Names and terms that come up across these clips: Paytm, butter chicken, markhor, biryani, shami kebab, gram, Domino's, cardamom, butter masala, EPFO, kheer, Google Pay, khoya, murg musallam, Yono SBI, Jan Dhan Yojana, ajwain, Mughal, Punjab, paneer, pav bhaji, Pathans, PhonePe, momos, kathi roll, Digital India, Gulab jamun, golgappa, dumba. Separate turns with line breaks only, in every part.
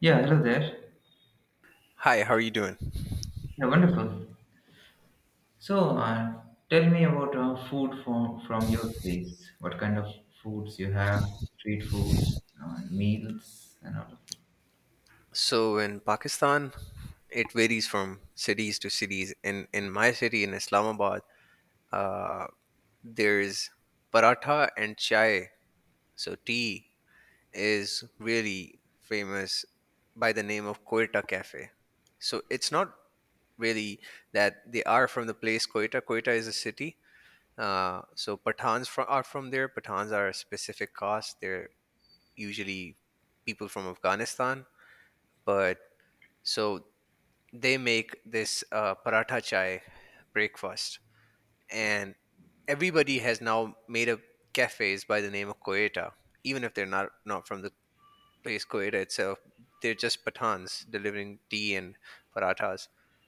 Yeah, hello there.
Hi, how are you doing?
Yeah, wonderful. So, uh, tell me about food from your place. What kind of foods you have? Street foods, meals, and all of that.
So in Pakistan, it varies from cities to cities. In my city in Islamabad, uh, there's paratha and chai. So tea is really famous by the name of Quetta Cafe. So it's not really that they are from the place Quetta. Quetta is a city. So Pathans from, are from there. Pathans are a specific caste. They're usually people from Afghanistan. But so they make this paratha chai breakfast, and everybody has now made up cafes by the name of Koeta, even if they're not from the place Koeta itself. They're just pathans delivering tea and parathas.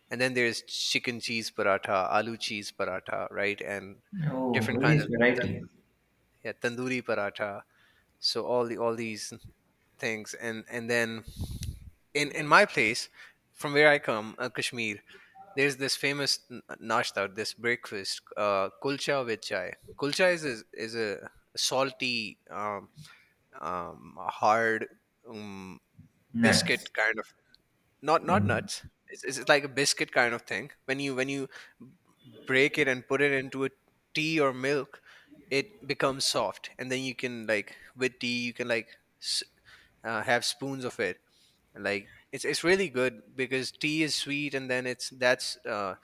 And then there's chicken cheese paratha, aloo cheese paratha, right? And
Oh,
different kinds
various
of tan-
varieties.
yeah, tandoori paratha. So all these things, and then in my place, from where I come, Kashmir, there's this famous nashta, this breakfast, kulcha with chai. Kulcha is a salty, hard, um, biscuit
Nuts.
kind of— not
Un-
nuts. It's like a biscuit kind of thing. When you break it and put it into a tea or milk, it becomes soft, and then you can, like, with tea you can like s- have spoons of it, like it's really good because tea is sweet and then it's that's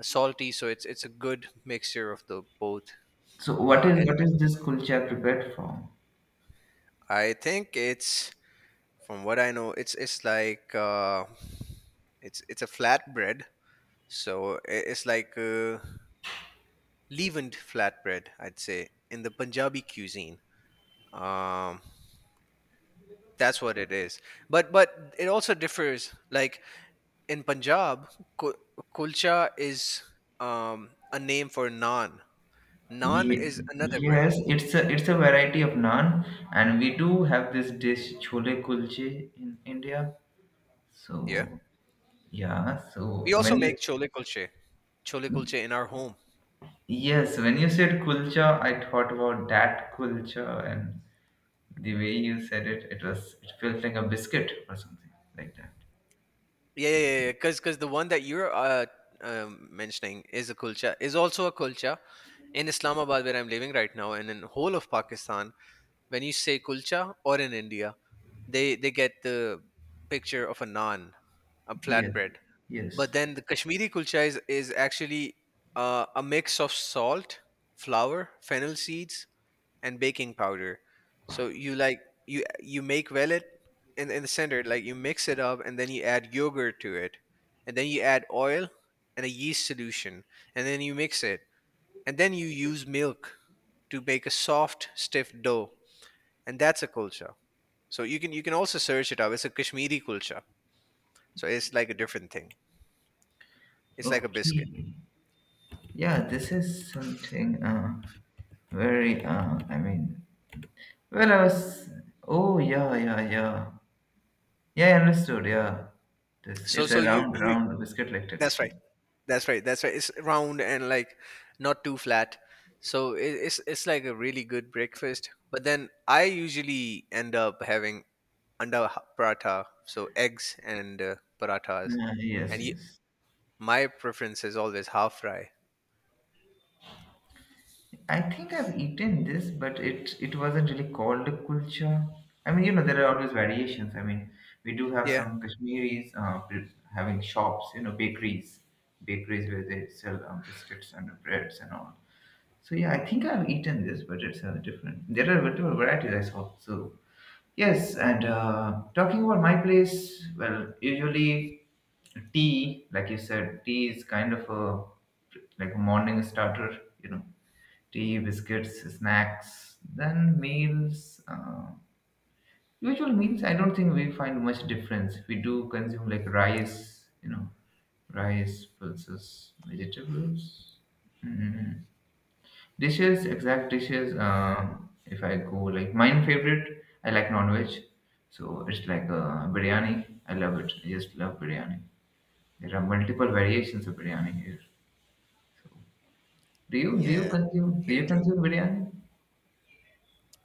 salty, so it's a good mixture of the both,
So, what is what
elements.
is this kulcha prepared from?
I think it's, from what I know, it's like it's a flatbread, it's like a leavened flatbread, I'd say, in the Punjabi cuisine. um that's what it is. But it also differs, like, in Punjab, kul- kulcha is, um, a name for naan. Naan
Ye-
is another
yes,
bread.
it's a variety of naan, and we do have this dish chole kulche in India.
Yeah.
So, yeah. So
We also
when
make
you
chole kulche in our home.
Yes, when you said kulcha, I thought about that kulcha, and the way you said it, it was it felt like a biscuit or something like that.
Yeah, yeah, yeah. Because the one that you're, mentioning is a kulcha, is also a kulcha in Islamabad where I'm living right now, and in whole of Pakistan. When you say kulcha, or in India, they get the picture of a naan, a
Yes,
flatbread. But
yes.
then the Kashmiri kulcha is actually, a mix of salt, flour, fennel seeds, and baking powder. So you, like, you make vellet in the center, like you mix it up, and then you add yogurt to it, and then you add oil and a yeast solution, and then you mix it, and then you use milk to make a soft, stiff dough, and that's a kulcha. So you can, you can also search it up. It's a Kashmiri kulcha, so it's like a different thing. It's like a biscuit.
Okay. Yeah, this is something very I mean well I was oh yeah yeah yeah. Yeah, I understood, yeah. This
So
it's a
so you,
round round biscuit like
that's
texture.
right, that's right, It's round and, like, not too flat. So it, it's like a really good breakfast. But then I usually end up having paratha, so eggs and, parathas,
Yeah,
and
yes,
y
yes.
my preference is always half fry.
I think I've eaten this, but it wasn't really called a kulcha. I mean, you know, there are
Hmm.
always variations. I mean, we do have
Yeah,
some Kashmiris pre- having shops, you know, bakeries, bakeries where they sell biscuits and breads and all. So yeah, I think I've eaten this, but it's different. There are multiple varieties I saw. So yes, and talking about my place, well, usually tea, like you said, tea is kind of a like a morning starter, you know, tea, biscuits, snacks, then meals. Usual meals, I don't think we find much difference. We do consume like rice, you know, rice, pulses, vegetables. Mm. Dishes, exact dishes. If I go like mine favorite, I like non-veg, so it's like a biryani. I love it. I just love biryani. There are multiple variations of biryani here. Do you do you
yeah,
consume do
here
you
too.
consume biryani?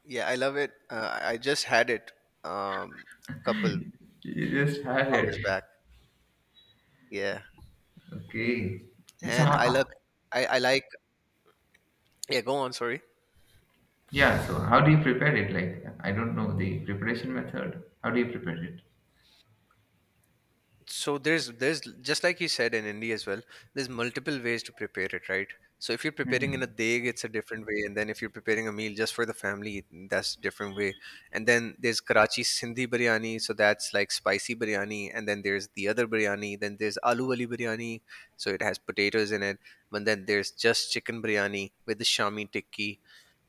Yeah, I love it. I just had it, um, a couple
You just had it.
hours back. Yeah,
Okay. And so
and I
how,
look, I like. Yeah, go on. Sorry.
yeah, so how do you prepare it? Like, I don't know the preparation method. How do you prepare it?
So there's just, like you said, in India as well, there's multiple ways to prepare it, right? So if you're preparing
Hmm.
in a day, it's a different way, and then if you're preparing a meal just for the family, that's different way. And then there's Karachi sindhi biryani, so that's like spicy biryani, and then there's the other biryani, then there's aloo wali biryani, so it has potatoes in it. But then there's just chicken biryani with the shami tikki.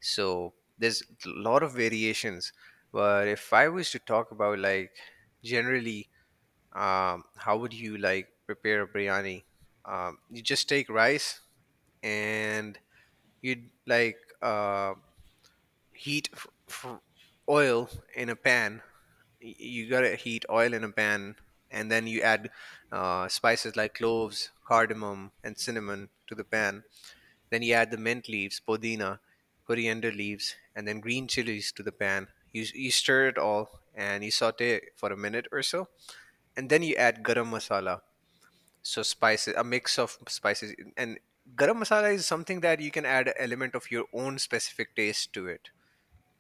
So there's a lot of variations. But if I was to talk about, like, generally, how would you, like, prepare a biryani? You just take rice, and you'd, like, heat f- f- oil in a pan. You gotta heat oil in a pan, and then you add, spices like cloves, cardamom, and cinnamon to the pan. Then you add the mint leaves, podina, coriander leaves, and then green chilies to the pan. You stir it all and you saute it for a minute or so, and then you add garam masala, so spices, a mix of spices, and garam masala is something that you can add an element of your own specific taste to it.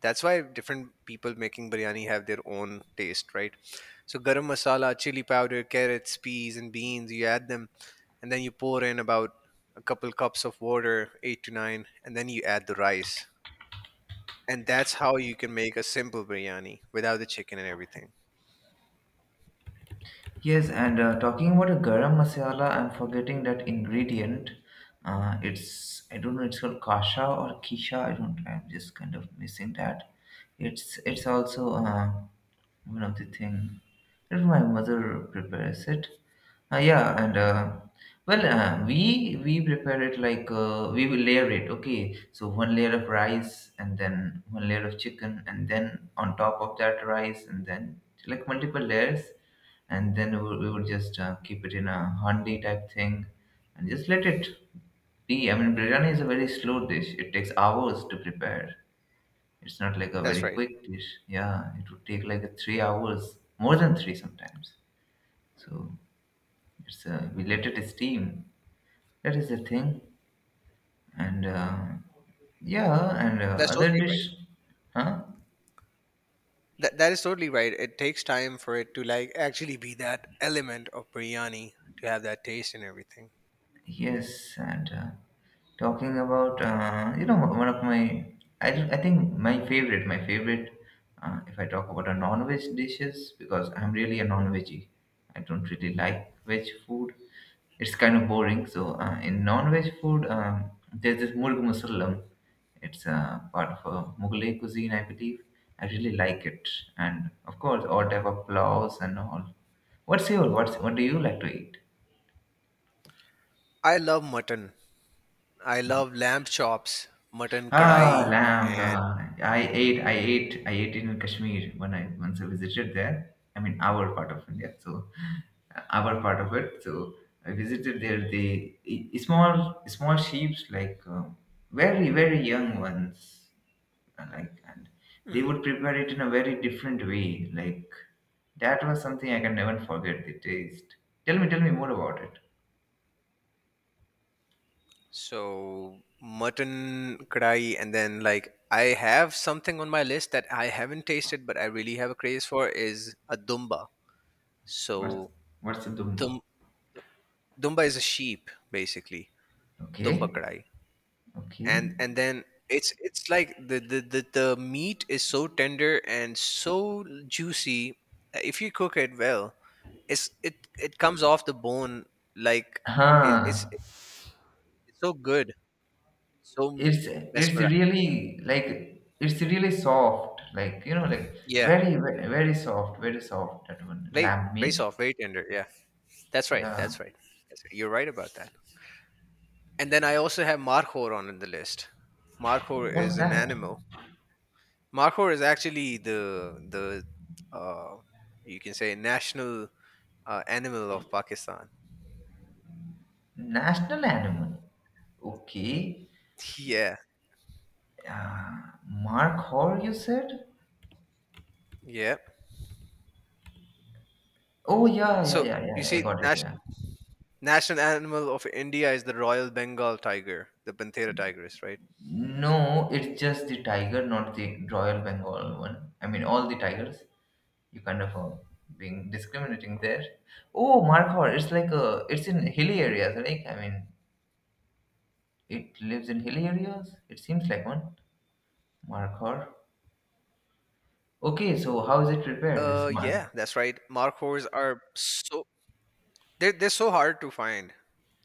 That's why different people making biryani have their own taste, right? So garam masala, chili powder, carrots, peas, and beans. You add them, and then you pour in about a couple cups of water, eight to nine, and then you add the rice. And that's how you can make a simple biryani without the chicken and everything.
Yes, and talking about a garam masala, I'm forgetting that ingredient. It's I don't know. It's called kasha or kisha. I don't. I'm just kind of missing that. It's also one of the thing that my mother prepares it. Uh, yeah, and uh, we prepare it like we will layer it. Okay, so one layer of rice, and then one layer of chicken, and then on top of that rice, and then like multiple layers, and then we would just keep it in a handi type thing, and just let it be. I mean, biryani is a very slow dish. It takes hours to prepare. It's not like a
That's
very
right.
quick dish. Yeah, it would take like a 3 hours, more than three sometimes. So it's we let it steam. That is the thing, and yeah, and
That's
other
totally right.
dish, huh?
That is totally right. It takes time for it to, like, actually be that element of biryani to have that taste and everything.
Yes, and talking about you know one of my, I think my favorite if I talk about a non-veg dishes because I'm really a non-veggie. I don't really like veg food. It's kind of boring. So
Mhm.
in non-veg food, there's this murg musallam. It's part of a Mughal cuisine, I believe. I really like it, and of course all type of plows and all. What's what do you like to eat?
I love mutton. I love lamb chops, mutton
Ah,
kadai,
lamb.
and—
Ah. I ate in Kashmir when I once I visited there. I mean, our part of India, so our part of it. So I visited there. Small sheep's like very young ones, and they
Mhm.
would prepare it in a very different way. Like that was something I can never forget. The taste. Tell me more about it.
So mutton kadai, and then, like, I have something on my list that I haven't tasted, but I really have a craze for, is a dumba.
What's
So
what's the
dum,
dumba?
dumba is a sheep, basically. Dumba
Okay,
kadai.
okay.
And then it's like the meat is so tender and so juicy if you cook it well, it's, it comes off the bone, like, it, it's
Huh.
it's so good, so
it's it's
mesmerizing.
really like it's really soft like you know like
Yeah,
very soft very soft that one
very
lamb
very
meat
soft, very tender, yeah, that's right,
yeah.
that's right. That's right, you're right about that. And then I also have markhor on the list. Markhor
What's
is an
that
animal. Markhor is actually the, the uh you can say national, animal of Pakistan.
national animal? Okay.
Yeah,
Uh, mark hor you said?
yeah.
oh yeah yeah
So
yeah
you
yeah I
see,
got it, yeah.
national animal of India is the Royal Bengal tiger, the Panthera tigris, right?
No, it's just the tiger, not the royal Bengal one, I mean all the tigers. You kind of being discriminating there. Oh, Markhor. It's like a it's in hilly areas, right? I mean it lives in hilly areas? It seems like one. Markhor. Okay, so how is it prepared? This
Yeah,
mark?
that's right. Markhors are so, they're so hard to find.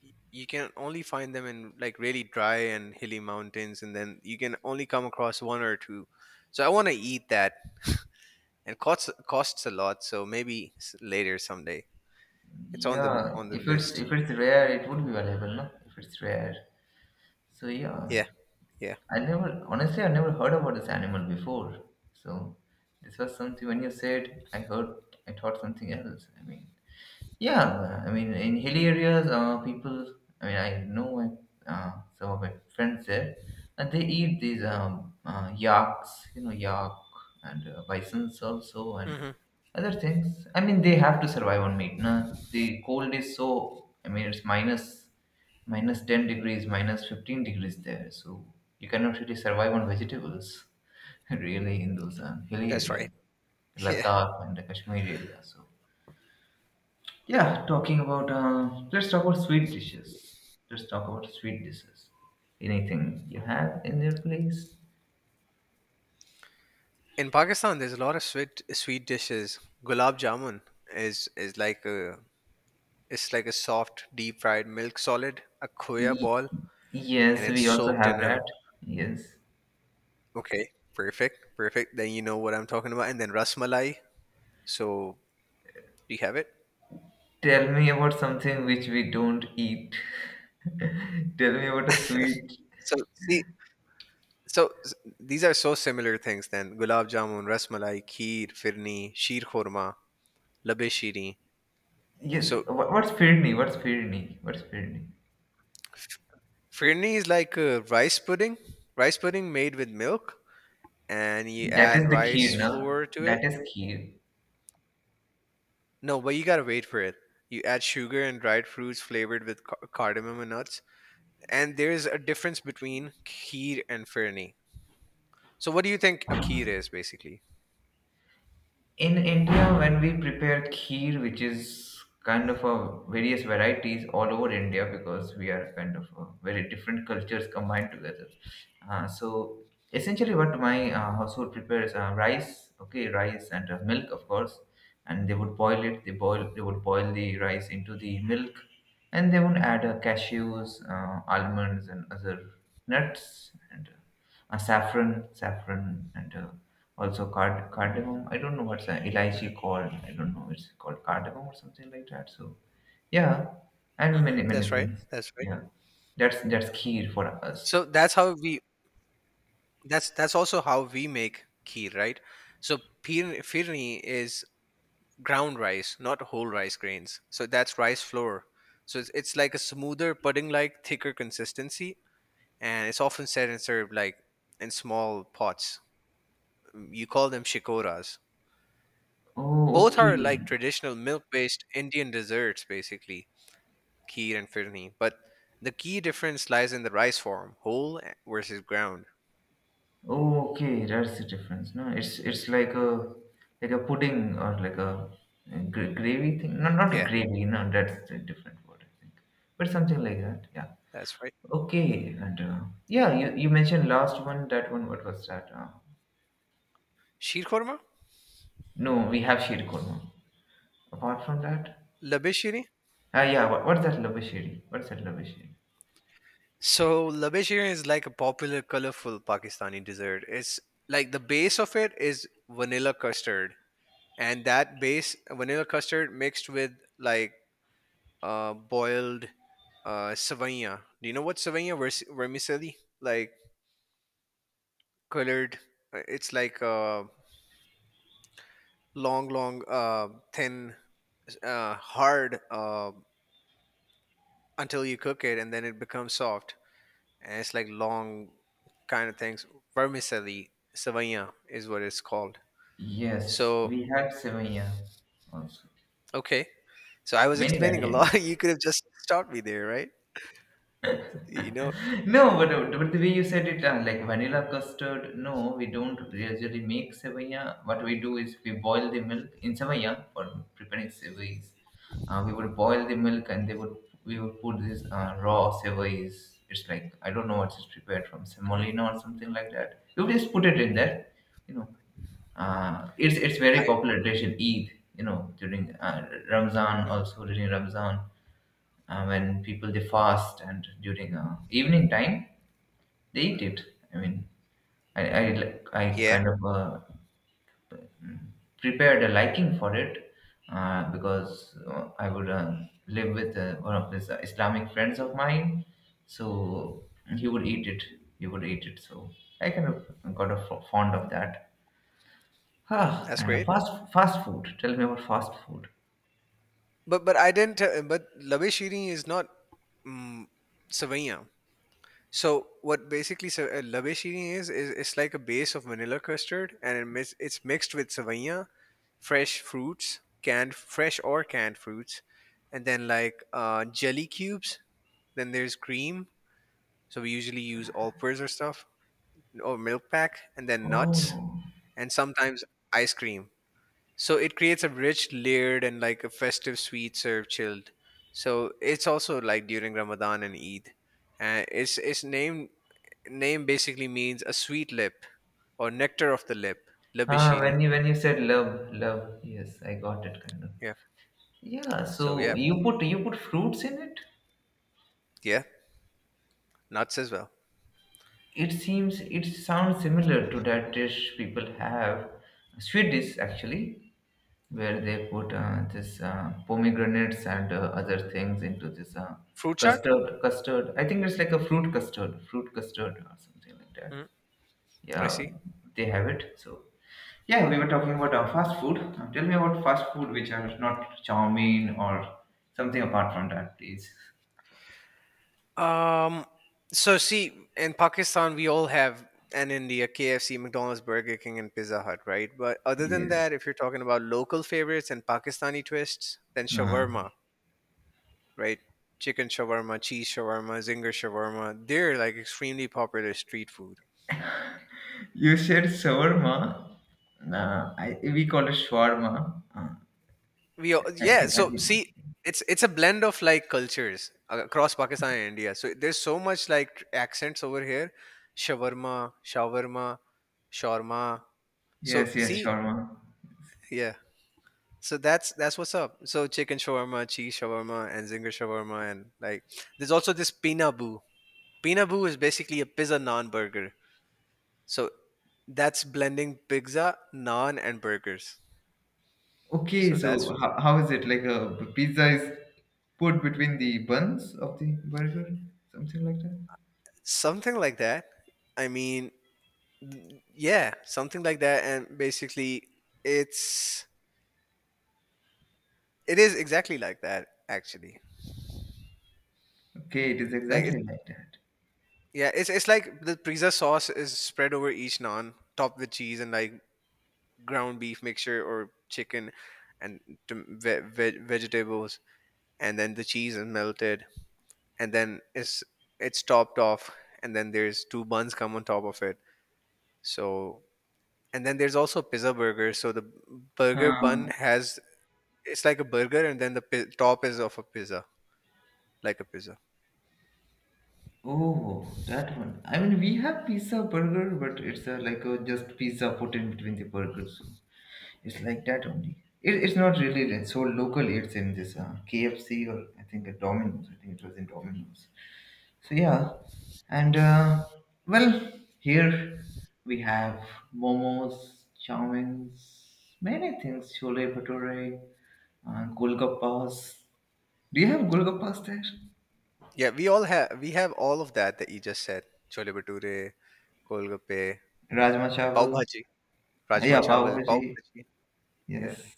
You can only find them in, like, really dry and hilly mountains, and then you can only come across one or two. So I want to eat that, and costs a lot. So maybe, later someday. It's on the,
Yeah,
list.
if it's rare, it would be valuable, no? If it's rare. So yeah.
Yeah, yeah.
I never, honestly I never heard about this animal before. So this was something when you said I heard I thought something else. I mean yeah, I mean, in hilly areas, people, I mean, I know my, some of my friends there, and they eat these yaks, you know, yak and bisons also, and
Hmm.
other things. I mean, they have to survive on meat. Na? The cold is so, I mean, minus 10 degrees, minus 15 degrees there, so you cannot really survive on vegetables, really, in those hilly
That's
areas,
right. Yeah.
Ladakh and the Kashmir area, so. Yeah, talking about let's talk about sweet dishes. Let's talk about sweet dishes. Anything you have in your place?
In Pakistan, there's a lot of sweet dishes. Gulab jamun is like a, it's like a soft deep fried milk solid, a khoya
Y-
ball, and
yes,
it's
we also
soaked in
have
a—
that. Yes.
Okay, perfect. Then you know what I'm talking about. And then rasmalai. So do you have it?
Tell me about something which we don't eat. Tell me about a sweet.
So see, so these are so similar things. Then gulab jamun, rasmalai, kheer, firni, sheer khurma, labe sheeri.
Yes.
So
What's firni?
firni is like a rice pudding made with milk, and you
That
add
is the
rice
kheer, no?
flour to it.
That is kheer.
No, but you gotta wait for it. You add sugar and dried fruits flavored with cardamom and nuts. And there's a difference between kheer and firni. So, what do you think a kheer is basically?
In India, when we prepare kheer, which is kind of a various varieties all over India because we are kind of a very different cultures combined together. So essentially, what my household prepares are rice, okay, rice and milk, of course, and they would boil it. They would boil the rice into the milk, and they would add cashews, almonds, and other nuts and saffron, and also cardamom. I don't know what's elaichi
Hmm.
called. I don't know. It's called cardamom or something like that. So yeah, and
Hmm.
many
That's
many
right.
things.
That's right.
Yeah, that's key for us.
So that's how we— that's also how we make kheer, right? So firni is ground rice, not whole rice grains. So that's rice flour. So it's like a smoother pudding-like, thicker consistency, and it's often set and served like in small pots. You call them shikoras.
Oh
Both are like
okay,
traditional milk-based Indian desserts, basically, kheer and firni. But the key difference lies in the rice form, whole, eh, versus ground.
oh, okay. That's the difference. No, it's like a pudding or like a gravy thing. No, not
Yeah,
gravy. No, that's the different word I think. But something like that. Yeah.
that's right.
Okay, and yeah, you mentioned last one, that one, what was that?
Sheer korma?
No, we have Sheer Korma. Apart from that,
Labishiri?
ah, yeah, what's that Labashiri?
So labishiri is like a popular, colorful Pakistani dessert. It's, like, the base of it is vanilla custard, and that base vanilla custard mixed with, like, boiled, savanya. Do you know what savanya, vermicelli? Like colored, it's like a long, long, thin, hard, until you cook it, and then it becomes soft, and it's, like, long kind of things. Vermicelli savanya is what it's called.
Yes,
So
we had Sevilla also.
okay, so I was
Many
explaining a lot.
variants.
You could have just stopped me there, right? You know.
No, but the way you said it, like vanilla custard, no, we don't usually make sevaya. What we do is we boil the milk in sevaya for preparing sevais. We would boil the milk and they would we would put this raw sevais. It's like I don't know what is prepared from
Mhm.
semolina or something like that. You just put it in there, you know. It's
I—
very popular dish in Eid, you know, during Ramzan.
Mhm.
Also during Ramzan when people they fast and during evening time they eat it. I mean, I
Yeah,
kind of prepared a liking for it because I would live with one of these Islamic friends of mine, so he would eat it. He would eat it. So I kind of got fond of that. Ah,
that's
and a
great.
fast fast food. Tell me about fast food.
But I didn't. But Labe Shiri is not, mm, Savaiyan. So what basically Labe Shiri is it's like a base of vanilla custard, and it's mixed with Savaiyan, fresh fruits, canned fresh or canned fruits, and then, like, jelly cubes. Then there's cream. So we usually use all or stuff or milk pack, and then nuts,
Oh,
and sometimes ice cream. So it creates a rich, layered, and, like, a festive sweet served chilled. So it's also, like, during Ramadan and Eid. And its name basically means a sweet lip, or nectar of the lip,
ah, when
labishiri.
you said love, love, yes, I got it kind of.
Yeah.
Yeah,
So
so
yeah,
you put fruits in it?
yeah, nuts as well.
It seems it sounds similar to that dish people have, sweet dish actually, where they put this pomegranates and other things into this
Fruit chart.
custard. I think it's like a fruit custard or something like that.
Mm, I
Yeah,
see.
they have it. So yeah, we were talking about fast food. Now tell me about fast food, which are not chow mein or something apart from that, please.
Um, so see, in Pakistan, we all have, and India, KFC, McDonald's, Burger King, and Pizza Hut, right? But other than
Yes.
that, if you're talking about local favorites and Pakistani twists, then
Uh,
shawarma, right? Chicken shawarma, cheese shawarma, zinger shawarma, they're like extremely popular street food.
you said shawarma. Nah, I, we call it shawarma. Uh,
We all,
I
yeah,
think I
so
think
see, it's a blend of like cultures across Pakistan and India. So there's so much like accents over here. Shawarma, shawarma, shawarma. So
yes, yes,
see,
shawarma.
yeah. So that's what's up. So chicken shawarma, cheese shawarma, and zinger shawarma, and like there's also this pina boo. Pina boo is basically a pizza naan burger. So that's blending pizza, naan, and burgers.
Okay,
So that's
so how is it like a pizza is put between the buns of the burger, something like that?
something like that. I mean, yeah, something like that. And basically, it's it is exactly like that actually.
Okay, it is
Like it's
exactly like that.
yeah, it's like the pizza sauce is spread over each naan, topped with cheese and like ground beef mixture or chicken and vegetables, and then the cheese is melted and then it's topped off, and then there's two buns come on top of it. So and then there's also pizza burger, so the burger bun
Huh.
has it's like a burger, and then the top is of a pizza, like a pizza.
Oh, that one. I mean, we have pizza burger, but it's a, like a just pizza put in between the burgers. It's like that only. It's not really that so local. It's in this KFC or I think a Domino's. I think it was in Domino's. So yeah, and well, here we have momos, chow mains, many things. Chole bhature, golgappas. Do you have golgappas there?
Yeah, we all have, we have all of that that you just said. Chole bhature, golgappe,
Rajma
pav
chawal.
bhaji,
Yeah,
rajma
pav
chawal, pav
bhaji.
bhaji. Yeah,
Yes,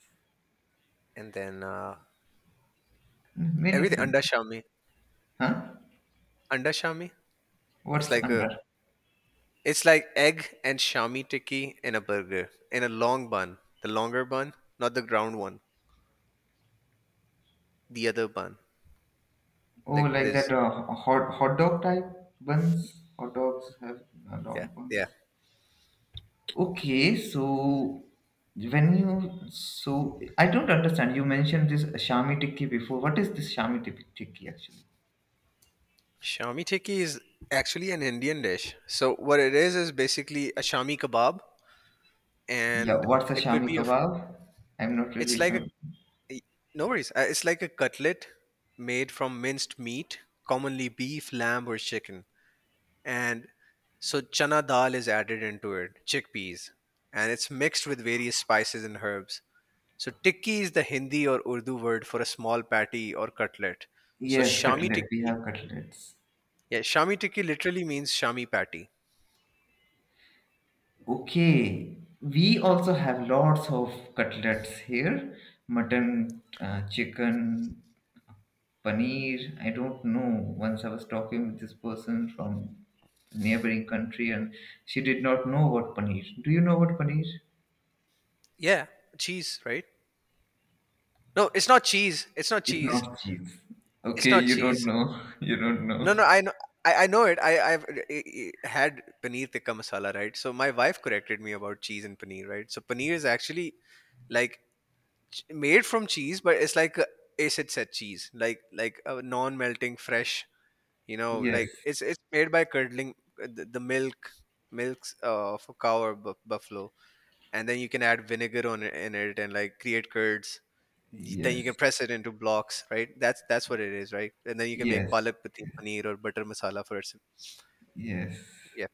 and then
many
everything
things.
anda shami.
Huh?
Anda shami. It's
What's
like a
under?
it's like egg and shami tikki in a burger, in a long bun. The longer bun, not the ground one. The other bun.
Oh,
Like
like
this.
that hot dog type buns. Hot dogs have
Yeah.
long
Yeah.
buns. Okay, so when you so I don't understand. You mentioned this shami tikki before. What is this tikki actually?
Shami tikki is actually an Indian dish. So what it is basically a shami kebab,
Yeah,
and
what's a
it could
shami
be a
kebab? I'm not
it's
really
like a
familiar.
no worries. It's like a cutlet made from minced meat, commonly beef, lamb or chicken. And so chana dal is added into it, chickpeas, and it's mixed with various spices and herbs. So tikki is the Hindi or Urdu word for a small patty or cutlet. So
Yes,
shami
cutlet. We
tikki,
have cutlets.
yeah, shami tikki literally means shami patty.
Okay, we also have lots of cutlets here: mutton, chicken, paneer. I don't know. Once I was talking with this person from neighboring country, and she did not know what paneer. Do you know what paneer?
Yeah, cheese, right? No, it's not cheese. It's not
It's
cheese.
not cheese.
It's
Okay,
not
you don't
cheese.
know. You don't
no
know.
no I know. I know it. I, I've had paneer tikka masala, right? So my wife corrected me about cheese and paneer, right? So paneer is actually like made from cheese, but it's like a acid set cheese, like a non-melting fresh. You know,
Yes,
it's made by curdling the milk, milks of a cow or buffalo, and then you can add vinegar on it, in it, and like create curds. Then you can
yes,
press it into blocks, right? That's what it is, right? And then you can make
yes,
palak pati paneer or butter masala for it.
yes.
Yeah,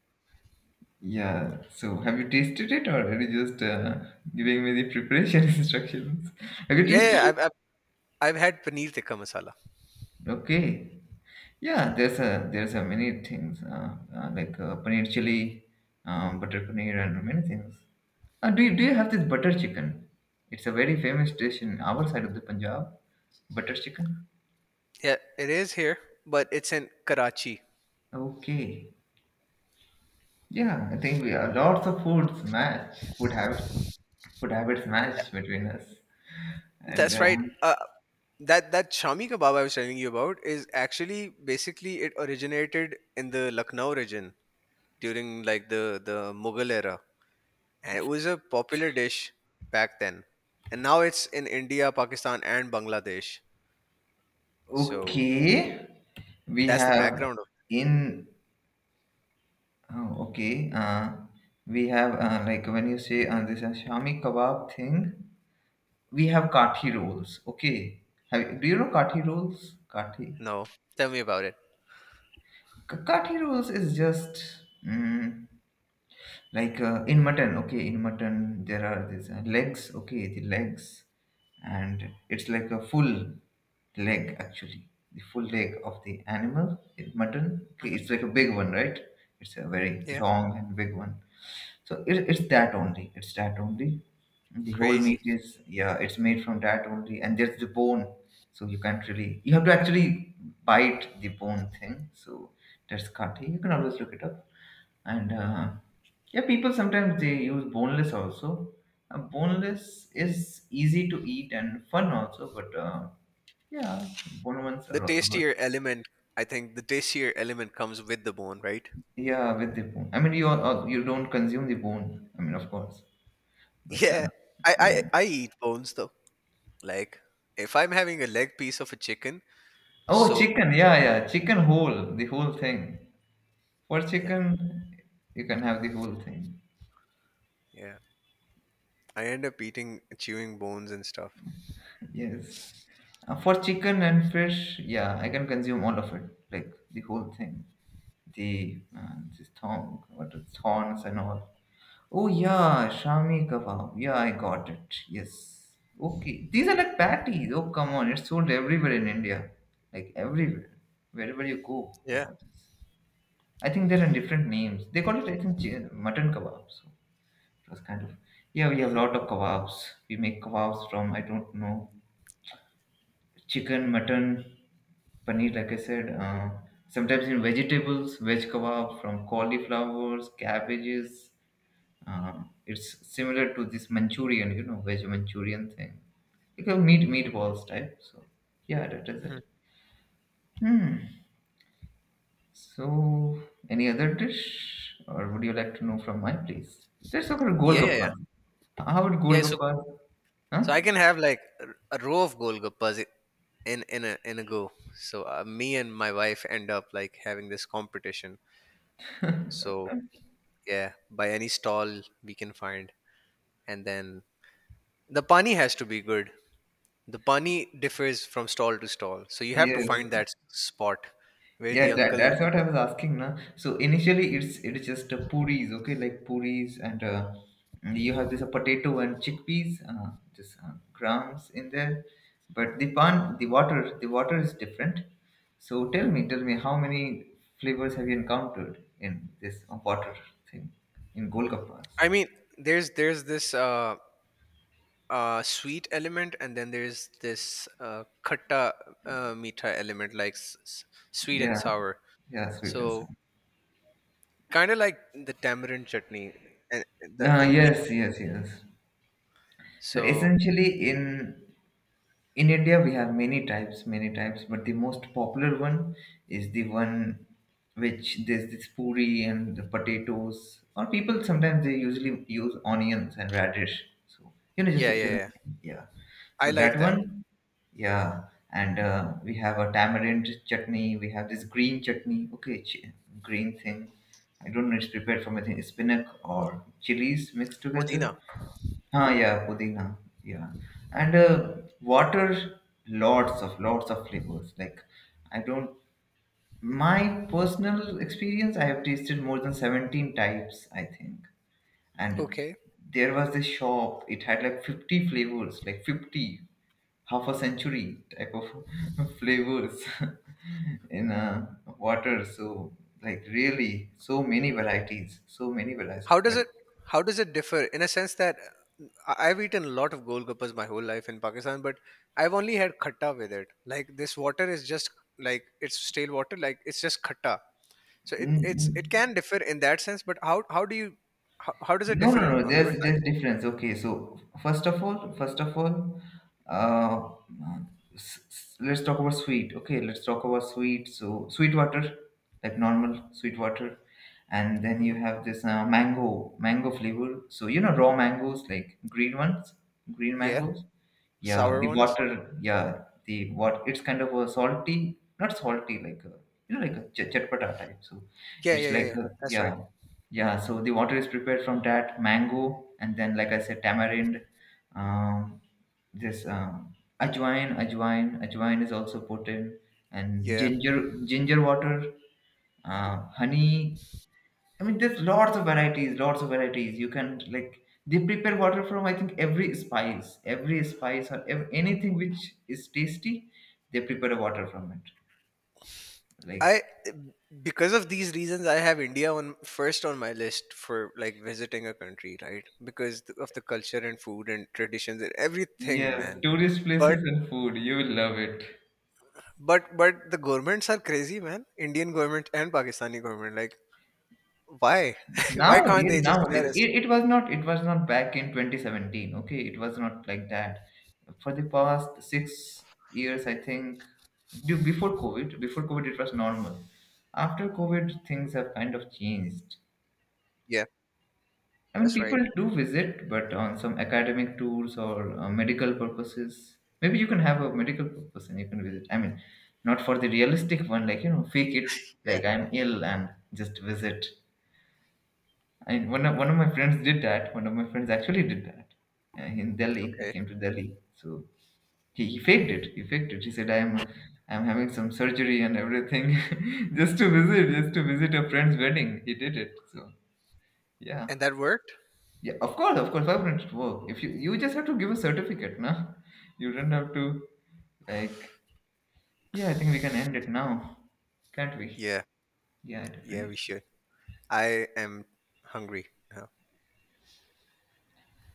Yeah. So, have you tasted it, or are you just giving me the preparation instructions? Have you
yeah.
tasted
Yeah,
it?
I've I've had paneer tikka masala.
Okay. Yeah, there's a many things like paneer chili, butter paneer, and many things. Do you have this butter chicken? It's a very famous dish in our side of the Punjab. Butter chicken.
Yeah, it is here, but it's in Karachi.
Okay. Yeah, I think we are lots of foods match food habits match between us. And
That's right.
um,
That Shami kebab I was telling you about is actually basically it originated in the Lucknow region during like the Mughal era, and it was a popular dish back then. And now it's in India, Pakistan, and Bangladesh. So
okay, we
that's the
have
background of.
in oh, okay. We have like when you say this shami kebab thing. We have kathi rolls. Okay, have, do you know kathi rolls? Kathi
No, tell me about it.
Ka- kathi rolls is just. Like in mutton, okay, in mutton there are these legs, okay, the legs, and it's like a full leg, actually the full leg of the animal in mutton, okay,
Mhm.
it's like a big one, right? It's a very
Yeah,
long and big one. So it's that only, it's that only, the whole meat
crazy.
is, yeah, it's made from that only, and there's the bone. So you can't really, you have to actually bite the bone thing. So that's kati, you can always look it up. And yeah, people sometimes they use boneless also. Boneless is easy to eat and fun also, but yeah, bone ones
The
are also good.
tastier element, I think, the tastier element comes with the bone, right?
Yeah, with the bone. I mean, you are, you don't consume the bone. I mean, of course, but
Yeah, I
yeah.
I, I eat bones though. Like if I'm having a leg piece of a chicken,
Oh,
so
chicken. Yeah, yeah, chicken whole, the whole thing. For
yeah,
chicken, you can have the whole thing.
yeah, I end up eating chewing bones and stuff.
Yes. For chicken and fish, yeah, I can consume all of it, like the whole thing. The man, this thong, what it's thorns and all. Oh yeah, shami kebab. Yeah, I got it. Yes. Okay. These are like patties. Oh come on, it's sold everywhere in India. Like everywhere, wherever you go, you
Yeah.
have these. I think there are different names. They call it, I think, mutton kebab. So it was kind of, yeah. We have a
Hmm.
lot of kebabs. We make kebabs from, I don't know, chicken, mutton, paneer, like I said. Sometimes in vegetables, veg kebab from cauliflowers, cabbages. um, it's similar to this manchurian, you know, veg manchurian thing, like a meat, meatballs type. So yeah, that is
Hmm.
it. Hmm. So any other dish, or would you like to know from my place? Let's talk about
Yeah, yeah, yeah.
golgappas. How about
Yeah, so
golgappas? Huh?
so I can have like a row of golgappas in in a go. So me and my wife end up like having this competition. So yeah, by any stall we can find, and then the pani has to be good. The pani differs from stall to stall, so you have to
Yes.
find that spot where the
Yeah, that,
uncle.
that's what I was asking now. So initially, it's just puris, okay, like puris, and you have this potato and chickpeas, just grams in there. But the pan, the water is different. So tell me, how many flavors have you encountered in this water thing in Golgappas?
I mean, there's this sweet element, and then there's this khatta meetha element, like sweet and
Yeah,
sour.
yeah, sweet and sour.
So kind of like the tamarind chutney and the imli.
Yes, yes, yes. So
So
essentially, in India, we have many types, but the most popular one is the one which there's this puri and the potatoes, or people sometimes they usually use onions and radish. So, you know, just
yeah,
the
yeah,
filling.
yeah.
Yeah.
I
So,
like
that
that.
one, yeah. And we have a tamarind chutney, we have this green chutney, okay, green thing. I don't know, it's prepared from, I think, spinach or chilies mixed
Pudina.
together. Ah, yeah, pudina. Yeah, and water, lots of flavors. Like, I don't. My personal experience, I have tasted more than 17 types, I think. And
Okay.
there was this shop. It had like 50 flavors, like 50, half a century type of flavors in water. So, like, really, so many varieties, so many varieties.
How does it how does it differ in a sense that I've eaten a lot of golgappas my whole life in Pakistan, but I've only had khatta with it. Like this water is just like it's stale water, like it's just khatta. So it it's
Mm-hmm.
it can differ in that sense, but how do you how does it
No, no,
differ in,
no.
on your
There's
side?
difference. Okay, so first of all, uh, let's talk about sweet. Okay, let's talk about sweet. So sweet water, like normal sweet water, and then you
Hmm.
have this mango, mango flavor. So you know raw mangoes, like green ones, green
Yeah,
mangoes. Yeah,
sour
the
ones.
water. Yeah, the what? It's kind of a salty, not salty, like a, you know, like a chatpata type. So
Yeah, yeah,
it's like
yeah, yeah.
a,
That's right.
yeah. Yeah, so the water is prepared from that mango, and then, like I said, tamarind. Um, this ajwain, ajwain is also put in, and
Yeah.
ginger, ginger water, honey. I mean, there's lots of varieties, lots of varieties. You can like they prepare water from, I think, every spice, every spice, or anything which is tasty, they prepare water from it. Like
I because of these reasons I have India on first on my list for like visiting a country, right? Because of the culture and food and traditions and everything,
yes,
man.
tourist
But
places and food, you will love it.
but the governments are crazy, man. Indian government and Pakistani government like why? Why can't
nowadays
they just let
nowadays
us?
it was not, it was not back in 2017, okay, it was not like that. For the past 6 years, I think, before covid, before covid it was normal. After covid, things have kind of changed.
Yeah,
I mean,
that's right.
people do visit, but on some academic tours or medical purposes. Maybe you can have a medical purpose and you can visit. I mean, not for the realistic one, like, you know, fake it,
Yeah,
like I'm ill and just visit. I one of my friends did that. One of my friends actually did that in Delhi. He
okay.
came to Delhi. So he faked it. He faked it. He said, I'm having some surgery and everything, just to visit a friend's wedding." He did it. So yeah,
And that worked?
yeah. Of course, of course. Why wouldn't it work? If you you just have to give a certificate, no? You don't have to like. Yeah, I think we can end it now, can't we?
Yeah.
Yeah,
Yeah,
definitely.
we should. I am hungry now.